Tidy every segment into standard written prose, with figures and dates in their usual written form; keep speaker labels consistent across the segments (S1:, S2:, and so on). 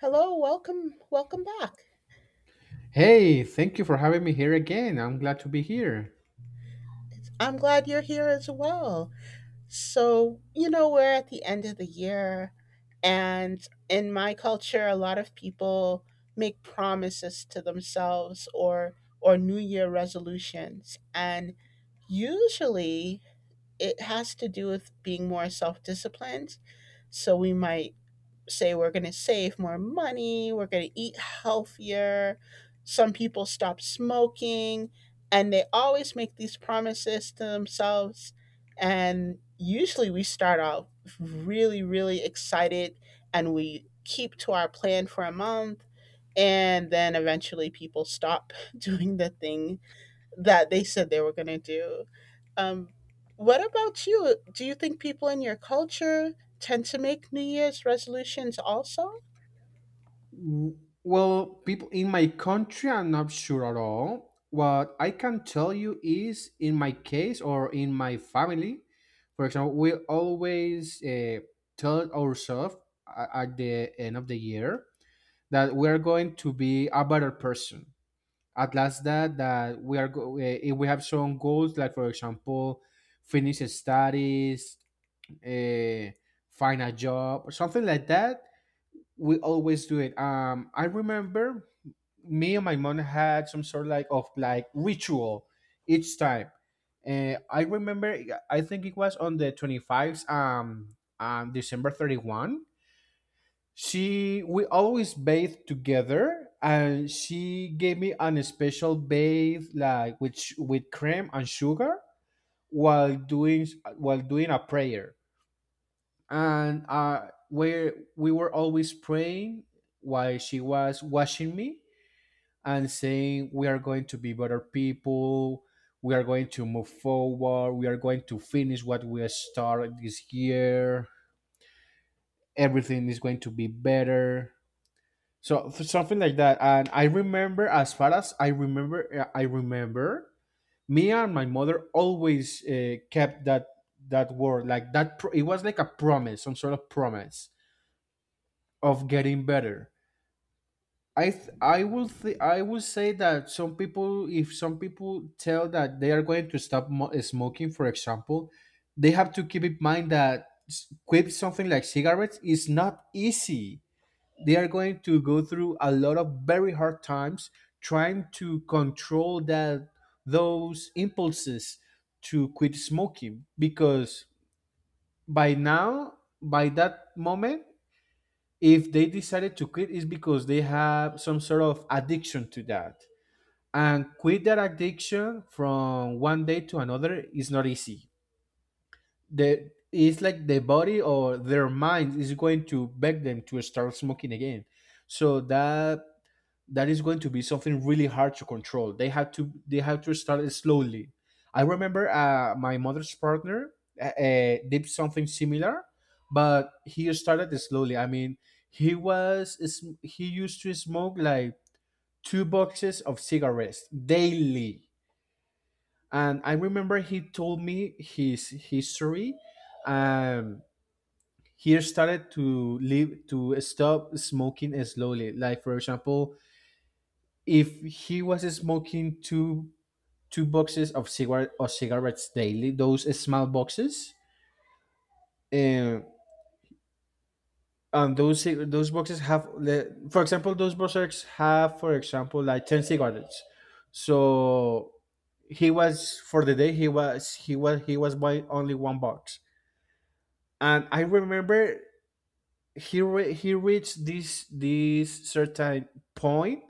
S1: Hello, welcome, welcome back.
S2: Hey, thank you for having me here again. I'm glad to be here.
S1: I'm glad you're here as well. So, you know, we're at the end of the year, and in my culture, a lot of people make promises to themselves or New Year resolutions, and usually it has to do with being more self-disciplined. So we might say we're going to save more money, we're going to eat healthier. Some people stop smoking, and they always make these promises to themselves. And usually we start off really, really excited and we keep to our plan for a month. And then eventually people stop doing the thing that they said they were going to do. Um, what about you? Do you think people in your culture tend to make New Year's resolutions also?
S2: W- Well, people in my country, I'm not sure at all. What I can tell you is, in my case or in my family, for example, we always tell ourselves at the end of the year that we are going to be a better person. At last, that we are if we have some goals, like for example, finish studies, uh, find a job or something like that, we always do it. I remember me and my mom had some sort like of like ritual each time. I remember, I think it was on the 25th, December 31st. She, we always bathed together and she gave me an special bathe like with, with cream and sugar while doing, while doing a prayer and where we were always praying while she was washing me and saying we are going to be better people, we are going to move forward, we are going to finish what we started this year, everything is going to be better, so something like that. And I remember, as far as I remember, I remember me and my mother always kept that, that word, like that it was like a promise, some sort of promise of getting better. I th- I will say that some people, if some people tell that they are going to stop smoking, for example, they have to keep in mind that quit something like cigarettes is not easy. They are going to go through a lot of very hard times trying to control that, those impulses to quit smoking, because by now, by that moment, if they decided to quit is because they have some sort of addiction to that, and quit that addiction from one day to another is not easy. The, it's like the body or their mind is going to beg them to start smoking again. So that, that is going to be something really hard to control. They have to start it slowly. I remember my mother's partner did something similar, but he started it slowly. I mean, he was. He used to smoke like two boxes of cigarettes daily, and I remember he told me his history. Um, he started to live to stop smoking slowly. Like for example, if he was smoking two boxes of cigarette or cigarettes daily, those small boxes, uh, and those boxes have, for example, those boxes have, for example, like ten cigarettes. So he was for the day, he was buying only one box. And I remember he reached this certain point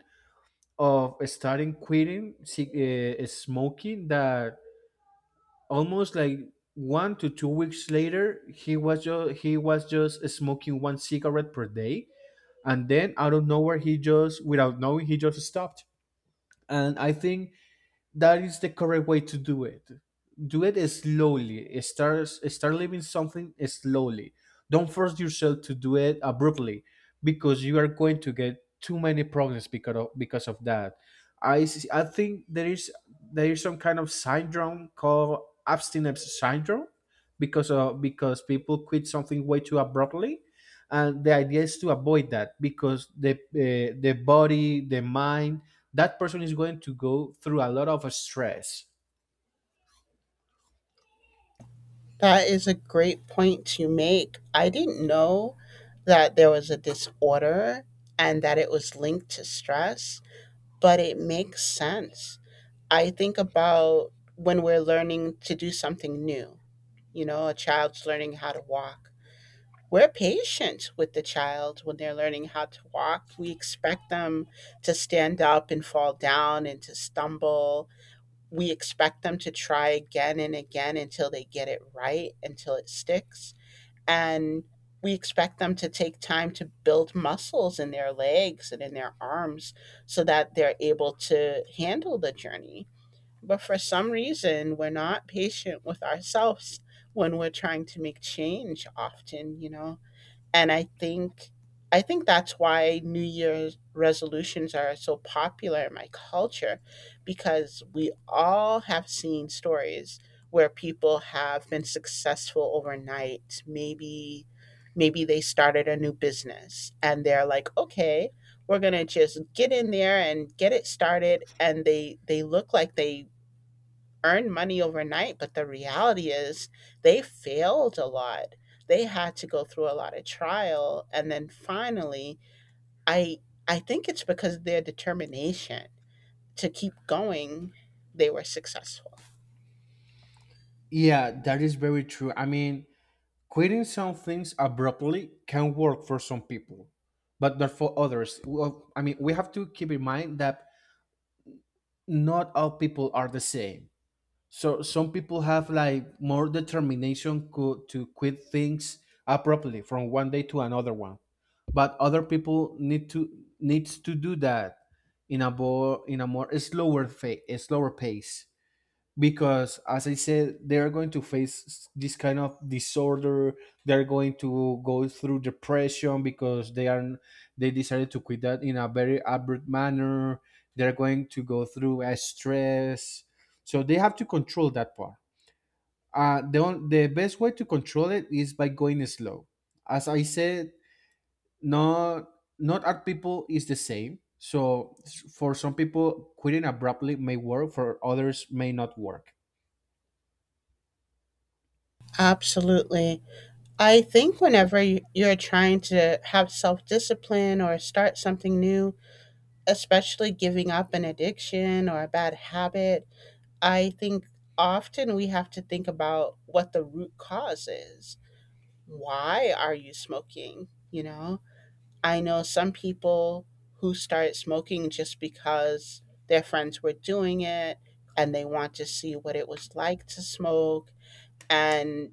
S2: of starting quitting, cig- smoking, that almost like 1 to 2 weeks later he was just smoking one cigarette per day. And then out of nowhere he just, without knowing, he just stopped. And I think that is the correct way to do it. Do it slowly. Start living something slowly. Don't force yourself to do it abruptly because you are going to get too many problems because of that. I think there is, there is some kind of syndrome called abstinence syndrome because of, because people quit something way too abruptly, and the idea is to avoid that because the body, the mind, that person is going to go through a lot of stress.
S1: That is a great point to make. I didn't know that there was a disorder and that it was linked to stress, but it makes sense. I think about when we're learning to do something new, you know, a child's learning how to walk. We're patient with the child when they're learning how to walk. We expect them to stand up and fall down and to stumble. We expect them to try again and again until they get it right, until it sticks, and we expect them to take time to build muscles in their legs and in their arms so that they're able to handle the journey. But for some reason, we're not patient with ourselves when we're trying to make change often, you know. And I think that's why New Year's resolutions are so popular in my culture, because we all have seen stories where people have been successful overnight. Maybe they started a new business and they're like, "Okay, we're going to just get in there and get it started." And they look like they earn money overnight, but the reality is they failed a lot. They had to go through a lot of trial, and then finally, I I think it's because of their determination to keep going, they were successful.
S2: Yeah, that is very true. I mean, quitting some things abruptly can work for some people, but not for others. Well, I mean, we have to keep in mind that not all people are the same. So some people have like more determination to quit things abruptly from one day to another one, but other people need to, needs to do that in a more, in a more slower a slower pace. Because as I said, they are going to face this kind of disorder. They're going to go through depression because they are, they decided to quit that in a very abrupt manner. They're going to go through a stress, so they have to control that part. The best way to control it is by going slow. As I said, not, not all people is the same. So for some people quitting abruptly may work, for others may not work.
S1: Absolutely. I think whenever you're trying to have self discipline or start something new, especially giving up an addiction or a bad habit, I think often we have to think about what the root cause is. Why are you smoking? You know, I know some people who started smoking just because their friends were doing it and they want to see what it was like to smoke. And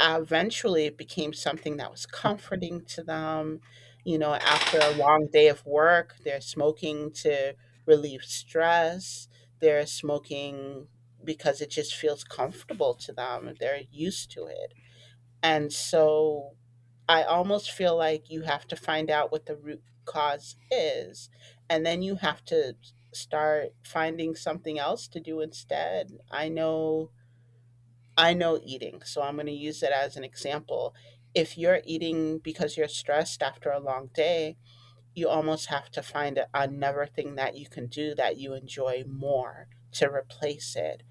S1: eventually it became something that was comforting to them. You know, after a long day of work, they're smoking to relieve stress, they're smoking because it just feels comfortable to them, they're used to it. And so I almost feel like you have to find out what the root cause is, and then you have to start finding something else to do instead. I know eating, so I'm going to use it as an example. If you're eating because you're stressed after a long day, you almost have to find another thing that you can do that you enjoy more to replace it.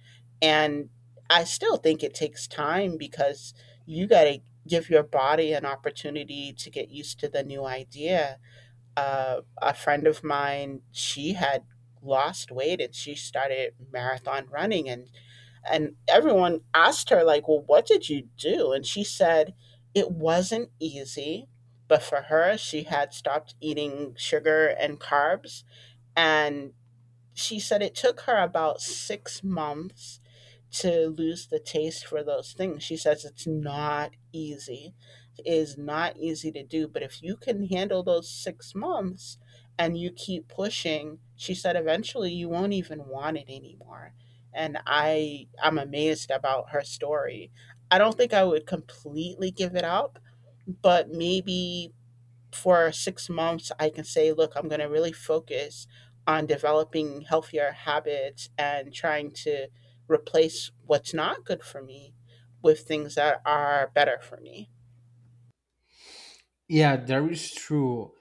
S1: And I still think it takes time because you got to give your body an opportunity to get used to the new idea. A friend of mine, she had lost weight and she started marathon running, and everyone asked her, like, well, what did you do? And she said it wasn't easy, but for her, she had stopped eating sugar and carbs, and she said it took her about 6 months to lose the taste for those things. She says it's not easy. It is not easy to do, but if you can handle those 6 months and you keep pushing, she said eventually you won't even want it anymore. And I'm amazed about her story. I don't think I would completely give it up, but maybe for 6 months, I can say, look, I'm going to really focus on developing healthier habits and trying to replace what's not good for me with things that are better for me.
S2: Yeah, that is true.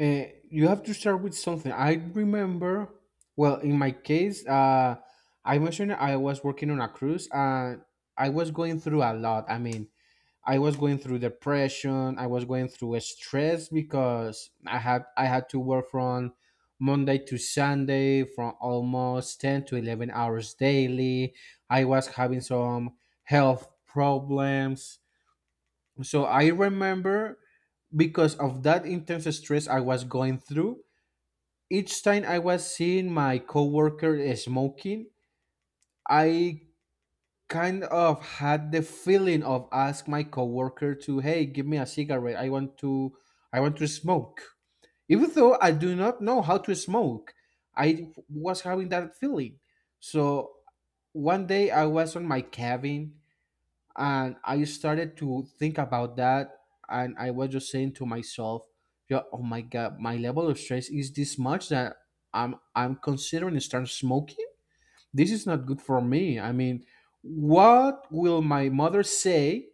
S2: Uh, you have to start with something. I remember, well, in my case, I mentioned I was working on a cruise and I was going through a lot. I mean, I was going through depression. I was going through a stress because I had to work from Monday to Sunday from almost 10 to 11 hours daily. I was having some health problems. So I remember, because of that intense stress I was going through, each time I was seeing my coworker smoking, I kind of had the feeling of ask my coworker to, "Hey, give me a cigarette. I want to smoke." Even though I do not know how to smoke, I was having that feeling. So one day I was on my cabin and I started to think about that, and I was just saying to myself, "Yeah, oh my god, my level of stress is this much that I'm considering start smoking. This is not good for me. I mean, what will my mother say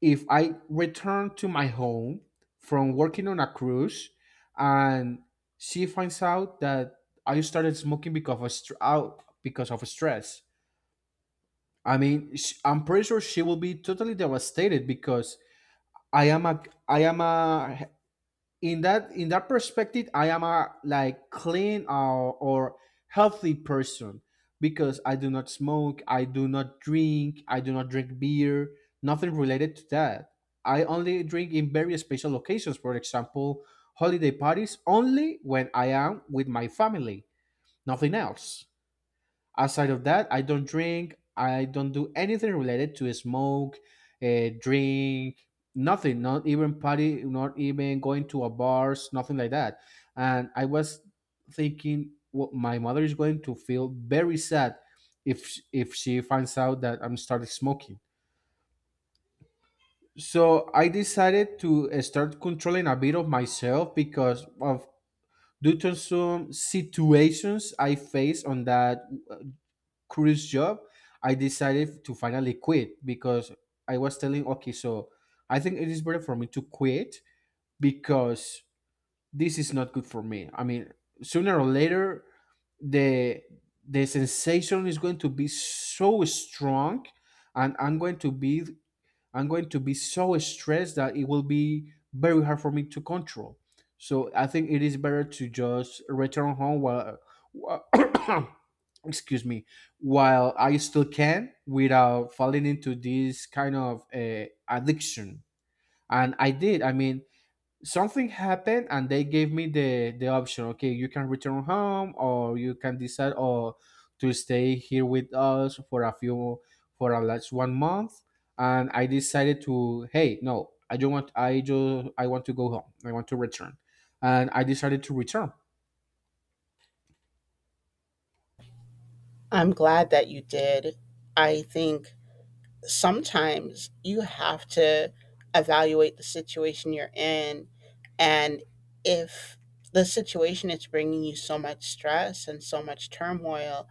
S2: if I return to my home from working on a cruise, and she finds out that I started smoking because of stress? I mean, I'm pretty sure she will be totally devastated because I am a I am a, in that, in that perspective, I am a like clean or healthy person because I do not smoke, I do not drink, I do not drink beer, nothing related to that. I only drink in very special occasions, for example, holiday parties only when I am with my family, nothing else. Aside of that, I don't drink. I don't do anything related to smoke, drink, nothing. Not even party. Not even going to a bars. Nothing like that. And I was thinking, well, my mother is going to feel very sad if if she finds out that I'm started smoking. So I decided to start controlling a bit of myself because of, due to some situations I faced on that cruise job. I decided to finally quit because I was telling, okay, so I think it is better for me to quit because this is not good for me. I mean, sooner or later, the the sensation is going to be so strong and I'm going to be so stressed that it will be very hard for me to control. So I think it is better to just return home while- excuse me, while I still can without falling into this kind of addiction. And I did. I mean, something happened and they gave me the option, okay, you can return home, or you can decide or to stay here with us for a few, for a last 1 month. And I decided to, hey, no, I don't want, I just, I want to go home, I want to return. And I decided to return.
S1: I'm glad that you did. I think sometimes you have to evaluate the situation you're in. And if the situation is bringing you so much stress and so much turmoil,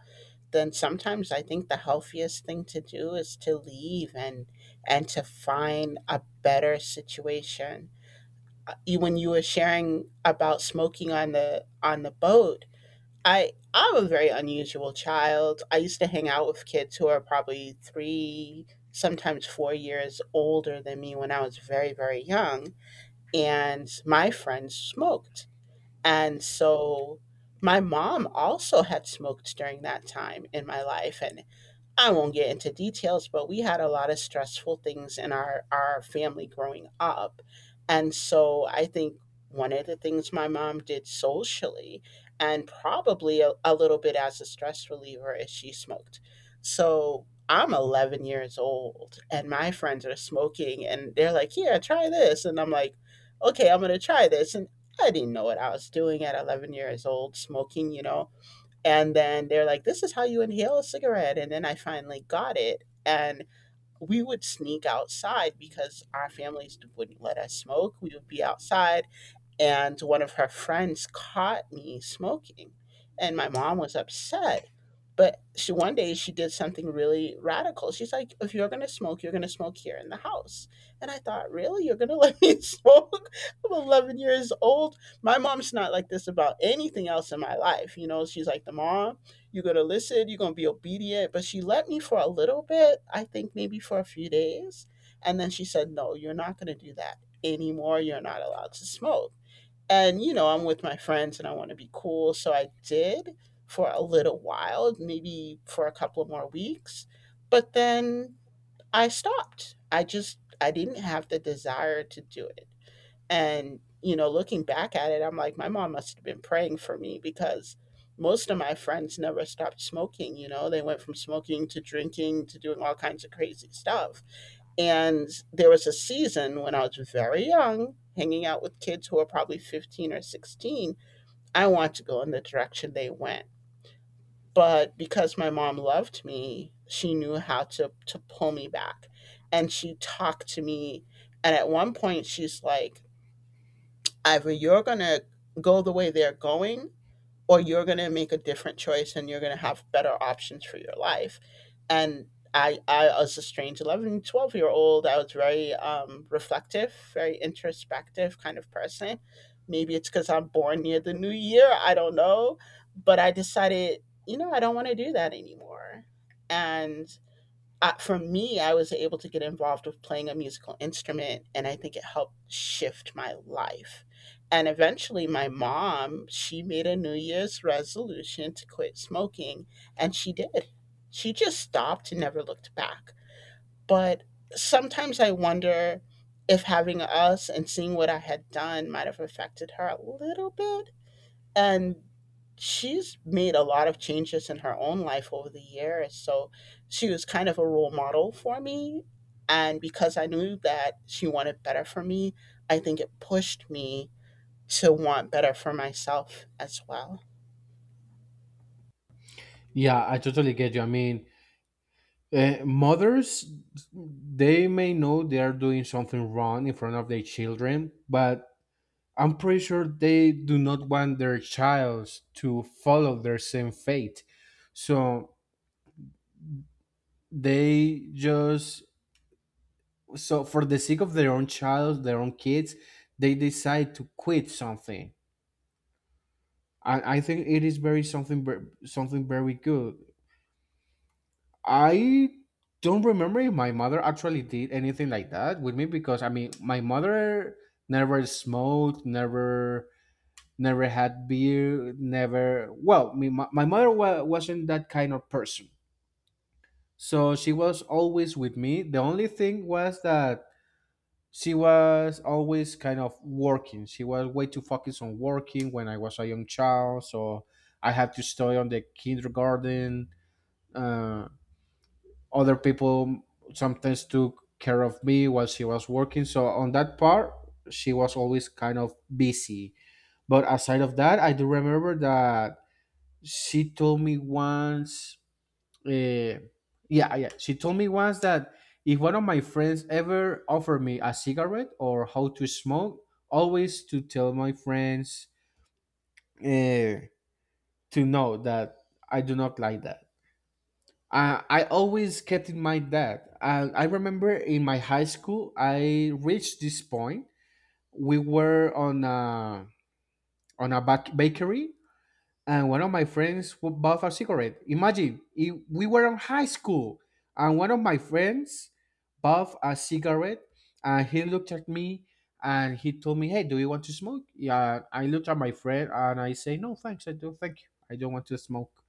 S1: then sometimes I think the healthiest thing to do is to leave, and to find a better situation. When you were sharing about smoking on the boat, I'm a very unusual child. I used to hang out with kids who are probably three, sometimes 4 years older than me when I was very very young, and my friends smoked, and so. My mom also had smoked during that time in my life, and I won't get into details, but we had a lot of stressful things in our family growing up. And so I think one of the things my mom did socially, and probably a little bit as a stress reliever, is she smoked. So I'm 11 years old, and my friends are smoking, and they're like, "Here, try this." And I'm like, "Okay, I'm going to try this." And I didn't know what I was doing at 11 years old, smoking, you know, and then they're like, "This is how you inhale a cigarette." And then I finally got it. And we would sneak outside because our families wouldn't let us smoke. We would be outside, and one of her friends caught me smoking, and my mom was upset. But she, one day, she did something really radical. She's like, "If you're going to smoke, you're going to smoke here in the house." And I thought, really, you're going to let me smoke? I'm 11 years old. My mom's not like this about anything else in my life, you know. She's like the mom: "You're going to listen, you're going to be obedient." But she let me for a little bit, I think maybe for a few days. And then she said, "No, you're not going to do that anymore. You're not allowed to smoke." And, you know, I'm with my friends and I want to be cool, so I did for a little while, maybe for a couple of more weeks. But then I stopped. I just, I didn't have the desire to do it. And, you know, looking back at it, I'm like, my mom must have been praying for me, because most of my friends never stopped smoking. You know, they went from smoking to drinking to doing all kinds of crazy stuff. And there was a season when I was very young, hanging out with kids who were probably 15 or 16. I wanted to go in the direction they went. But because my mom loved me, she knew how to pull me back. And she talked to me. And at one point, she's like, "Ivor, you're going to go the way they're going, or you're going to make a different choice and you're going to have better options for your life." And I was a strange 11, 12-year old. I was very reflective, very introspective kind of person. Maybe it's because I'm born near the New Year, I don't know, but I decided, you know, I don't want to do that anymore. And for me, I was able to get involved with playing a musical instrument, and I think it helped shift my life. And eventually, my mom, she made a New Year's resolution to quit smoking, and she did. She just stopped and never looked back. But sometimes I wonder if having us and seeing what I had done might have affected her a little bit, and she's made a lot of changes in her own life over the years. So she was kind of a role model for me. And because I knew that she wanted better for me, I think it pushed me to want better for myself as well.
S2: Yeah, I totally get you. I mean, mothers, they may know they are doing something wrong in front of their children, but I'm pretty sure they do not want their child to follow their same fate. So they just, so for the sake of their own child, their own kids, they decide to quit something. And I think it is very something, something very good. I don't remember if my mother actually did anything like that with me because, I mean, my mother never smoked, never, never had beer, never. Well, me, my mother wasn't that kind of person. So she was always with me. The only thing was that she was always kind of working. She was way too focused on working when I was a young child. So I had to stay on the kindergarten. Uh, Other people sometimes took care of me while she was working. So on that part, she was always kind of busy. But aside of that, I do remember that she told me once, uh, yeah yeah, she told me once that if one of my friends ever offered me a cigarette or how to smoke, always to tell my friends uh, to know that I do not like that. I always kept in mind that, I remember in my high school I reached this point. We were on a, on a bakery, and one of my friends bought a cigarette. Imagine if we were in high school and one of my friends bought a cigarette, and he looked at me and he told me, "Hey, do you want to smoke?" Yeah, I looked at my friend and I say, "No, thanks, I don't thank you. I don't want to smoke."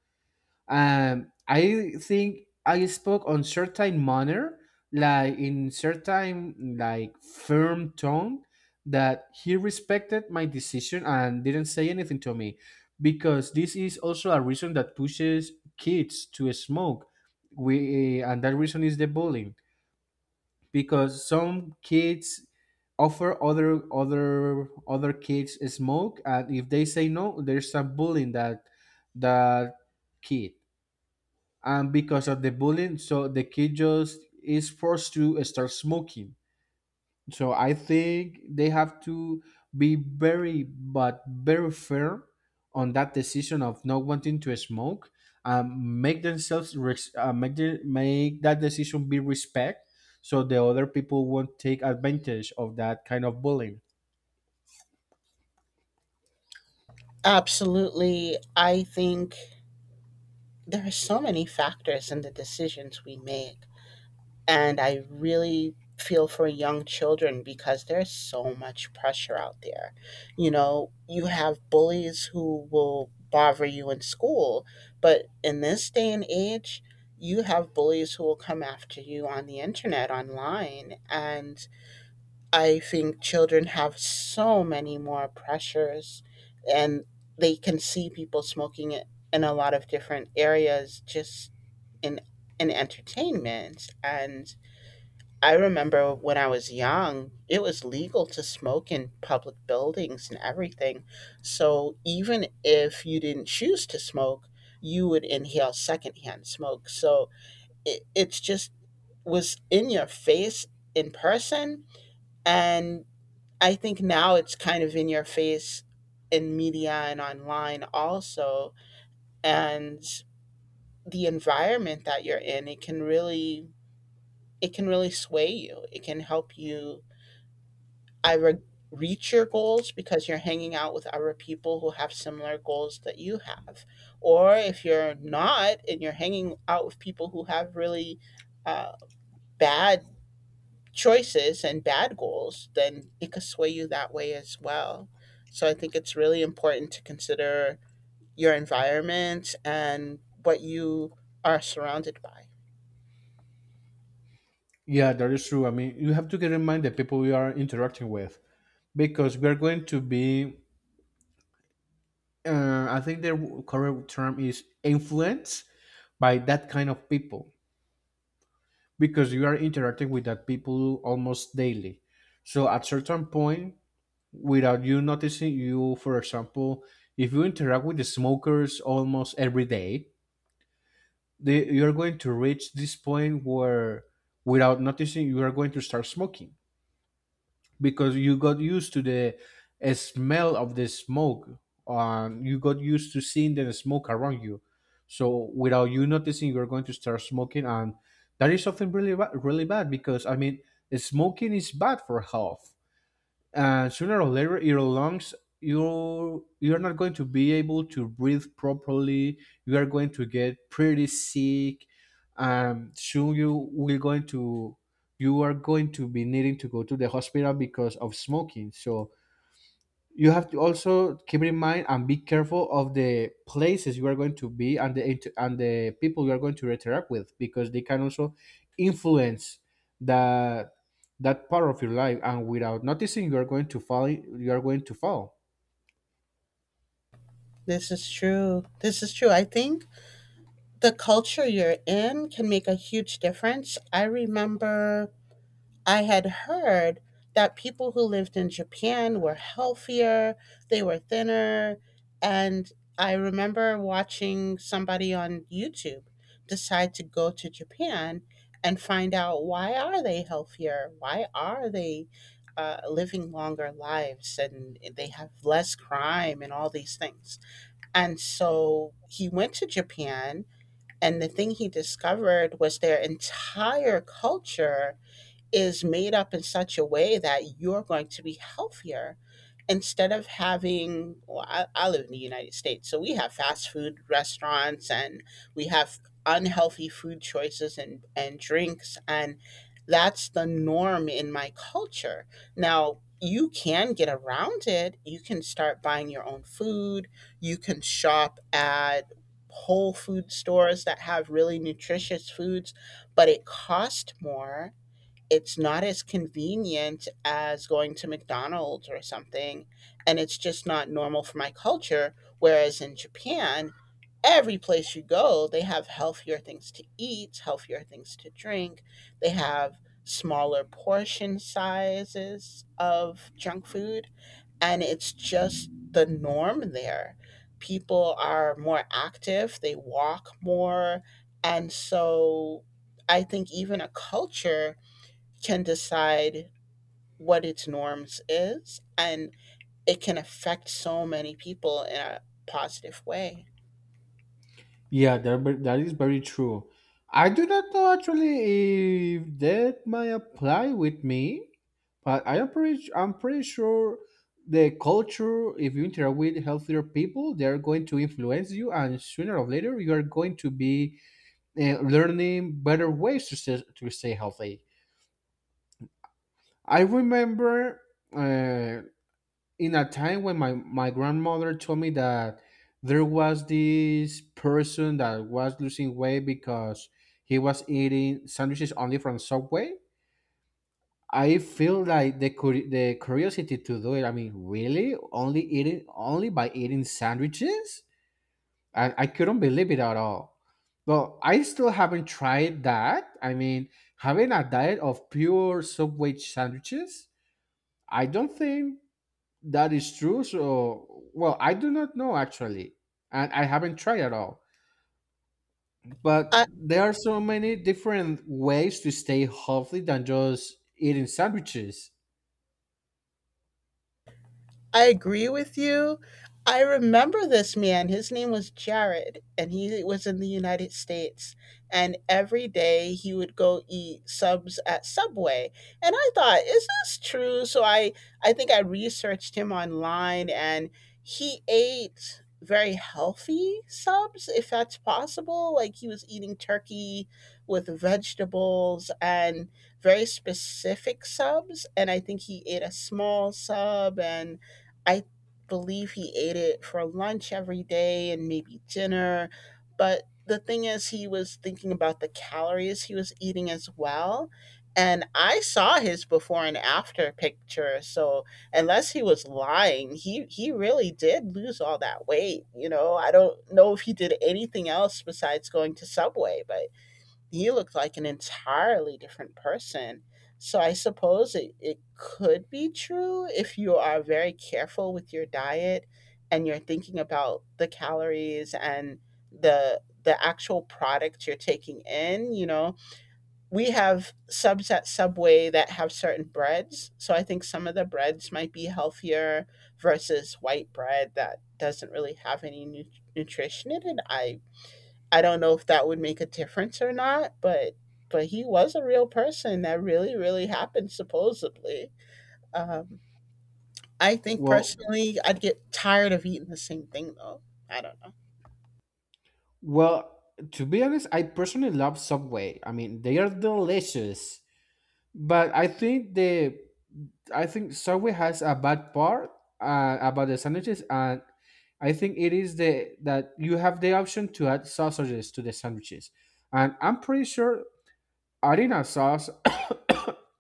S2: I think I spoke on certain manner, like in certain like firm tone, that he respected my decision and didn't say anything to me, because this is also a reason that pushes kids to smoke. We and that reason is the bullying, because some kids offer other kids smoke, and if they say no, there's a bullying that that kid, and because of the bullying so the kid just is forced to start smoking. So I think they have to be very but very fair on that decision of not wanting to smoke. Make themselves make, make that decision be respect so the other people won't take advantage of that kind of bullying.
S1: Absolutely. I think there are so many factors in the decisions we make. And I really feel for young children because there's so much pressure out there. You know, you have bullies who will bother you in school, but in this day and age, you have bullies who will come after you on the internet, online. And I think children have so many more pressures, and they can see people smoking it in a lot of different areas, just in in entertainment, and I remember when I was young, it was legal to smoke in public buildings and everything. So even if you didn't choose to smoke, you would inhale secondhand smoke. So it's just was in your face in person. And I think now it's kind of in your face in media and online also. And the environment that you're in, it can really sway you. It can help you I reach your goals because you're hanging out with other people who have similar goals that you have. Or if you're not and you're hanging out with people who have really uh, bad choices and bad goals, then it could sway you that way as well. So I think it's really important to consider your environment and what you are surrounded by.
S2: Yeah, that is true. I mean, you have to get in mind the people you are interacting with, because we are going to be I think the correct term is influenced by that kind of people, because you are interacting with that people almost daily. So at certain point, without you noticing, you, for example, if you interact with the smokers almost every day, they, you're going to reach this point where, without noticing, you are going to start smoking because you got used to the smell of the smoke, and you got used to seeing the smoke around you. So without you noticing, you're going to start smoking, and that is something really bad, because I mean smoking is bad for health, and sooner or later your lungs, you're not going to be able to breathe properly. You are going to get pretty sick. Soon you will going to, you are going to be needing to go to the hospital because of smoking. So you have to also keep in mind and be careful of the places you are going to be and the and the people you are going to interact with, because they can also influence that, that part of your life, and without noticing, you are going to fall.
S1: This is true. This is true. I think the culture you're in can make a huge difference. I remember I had heard that people who lived in Japan were healthier, they were thinner, and I remember watching somebody on YouTube decide to go to Japan and find out, why are they healthier? Why are they living longer lives and they have less crime and all these things? And so he went to Japan and the thing he discovered was their entire culture is made up in such a way that you're going to be healthier, instead of having, well, I live in the United States, so we have fast food restaurants and we have unhealthy food choices, and drinks, and that's the norm in my culture. Now you can get around it, you can start buying your own food, you can shop at whole food stores that have really nutritious foods, but it costs more, it's not as convenient as going to McDonald's or something, and it's just not normal for my culture. Whereas in Japan, every place you go, they have healthier things to eat, healthier things to drink. They have smaller portion sizes of junk food, and it's just the norm there. People are more active, they walk more, and so I think even a culture can decide what its norms is, and it can affect so many people in a positive way.
S2: Yeah, that, that is very true. I do not know actually if that might apply with me, but I am pretty, I'm pretty sure the culture, if you interact with healthier people, they are going to influence you, and sooner or later, you are going to be learning better ways to stay healthy. I remember uh, in a time when my grandmother told me that there was this person that was losing weight because he was eating sandwiches only from Subway. I feel like the the curiosity to do it. I mean, really, only eating only by eating sandwiches, and I couldn't believe it at all. But I still haven't tried that. I mean, having a diet of pure Subway sandwiches, I don't think that is true. So, well, I do not know actually, and I haven't tried at all.
S1: I,
S2: But there are so many different ways to stay healthy than just eating sandwiches.
S1: I agree with you. I remember this man. His name was Jared, and he was in the United States. And every day he would go eat subs at Subway. And I thought, is this true? So I think I researched him online, and he ate very healthy subs, if that's possible. Like he was eating turkey with vegetables and very specific subs. And I think he ate a small sub, and I believe he ate it for lunch every day and maybe dinner. But the thing is, he was thinking about the calories he was eating as well. And I saw his before and after picture. So unless he was lying, he really did lose all that weight. You know, I don't know if he did anything else besides going to Subway, but you look like an entirely different person. So I suppose it could be true if you are very careful with your diet and you're thinking about the calories and the actual product you're taking in, you know. We have subs at Subway that have certain breads. So I think some of the breads might be healthier versus white bread that doesn't really have any nutrition in it. I don't know if that would make a difference or not, but he was a real person that really really happened, supposedly. Um, I think
S2: Well,
S1: personally, I'd get tired of eating the same thing though. I don't know.
S2: well, to be honest, I personally love Subway. I mean, they are delicious. But I think the I think Subway has a bad part about the sandwiches, and I think it is the that you have the option to add sausages to the sandwiches. And I'm pretty sure Arena sauce,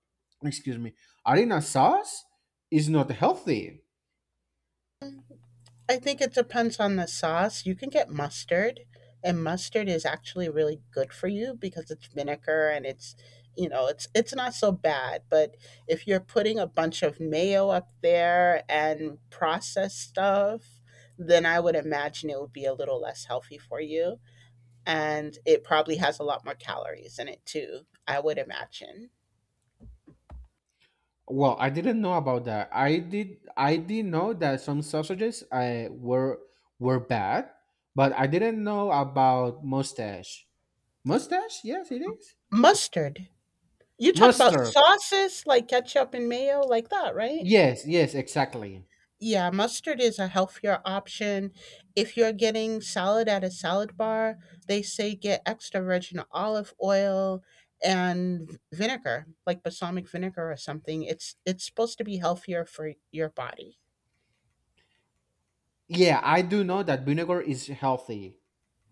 S2: excuse me, arena sauce is not healthy.
S1: I think it depends on the sauce. You can get mustard, and mustard is actually really good for you because it's vinegar and it's, you know, it's not so bad, but if you're putting a bunch of mayo up there and processed stuff, then I would imagine it would be a little less healthy for you, and it probably has a lot more calories in it too, I would imagine.
S2: Well, I didn't know about that. I did know that some sausages were bad, but I didn't know about mustache. Mustache? Yes, it is.
S1: Mustard. You talk about
S2: Mustard.
S1: sauces like ketchup and mayo like that, right?
S2: Yes, yes, exactly.
S1: Yeah, mustard is a healthier option. If you're getting salad at a salad bar, they say get extra virgin olive oil and vinegar, like balsamic vinegar or something. It's supposed to be healthier for your body.
S2: Yeah, I do know that vinegar is healthy.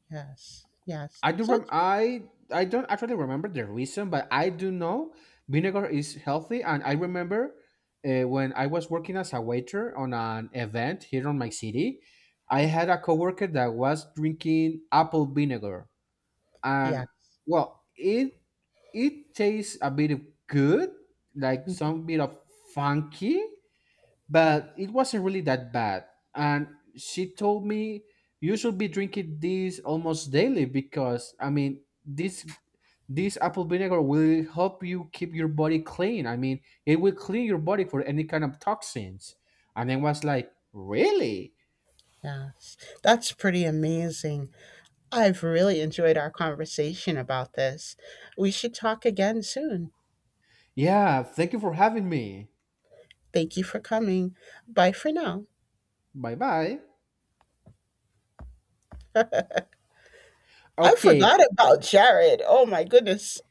S1: Yes. Yes. So it's
S2: I don't actually remember the reason, but I do know vinegar is healthy, and I remember when I was working as a waiter on an event here on my city, I had a coworker that was drinking apple vinegar, and
S1: yes.
S2: well, it tastes a bit of good, like
S1: Mm.
S2: some bit of funky, but
S1: Yes,
S2: it wasn't really that bad. And she told me you should be drinking this almost daily because I mean this apple vinegar will help you keep your body clean. I mean it will clean your body for any kind of toxins. And I was like, really?
S1: yes. That's pretty amazing. I've really enjoyed our conversation about this. We should talk again soon.
S2: Yeah, thank you for having me.
S1: Thank you for coming. Bye for now.
S2: Bye bye.
S1: I forgot
S2: Okay,
S1: about Jared. Oh my goodness.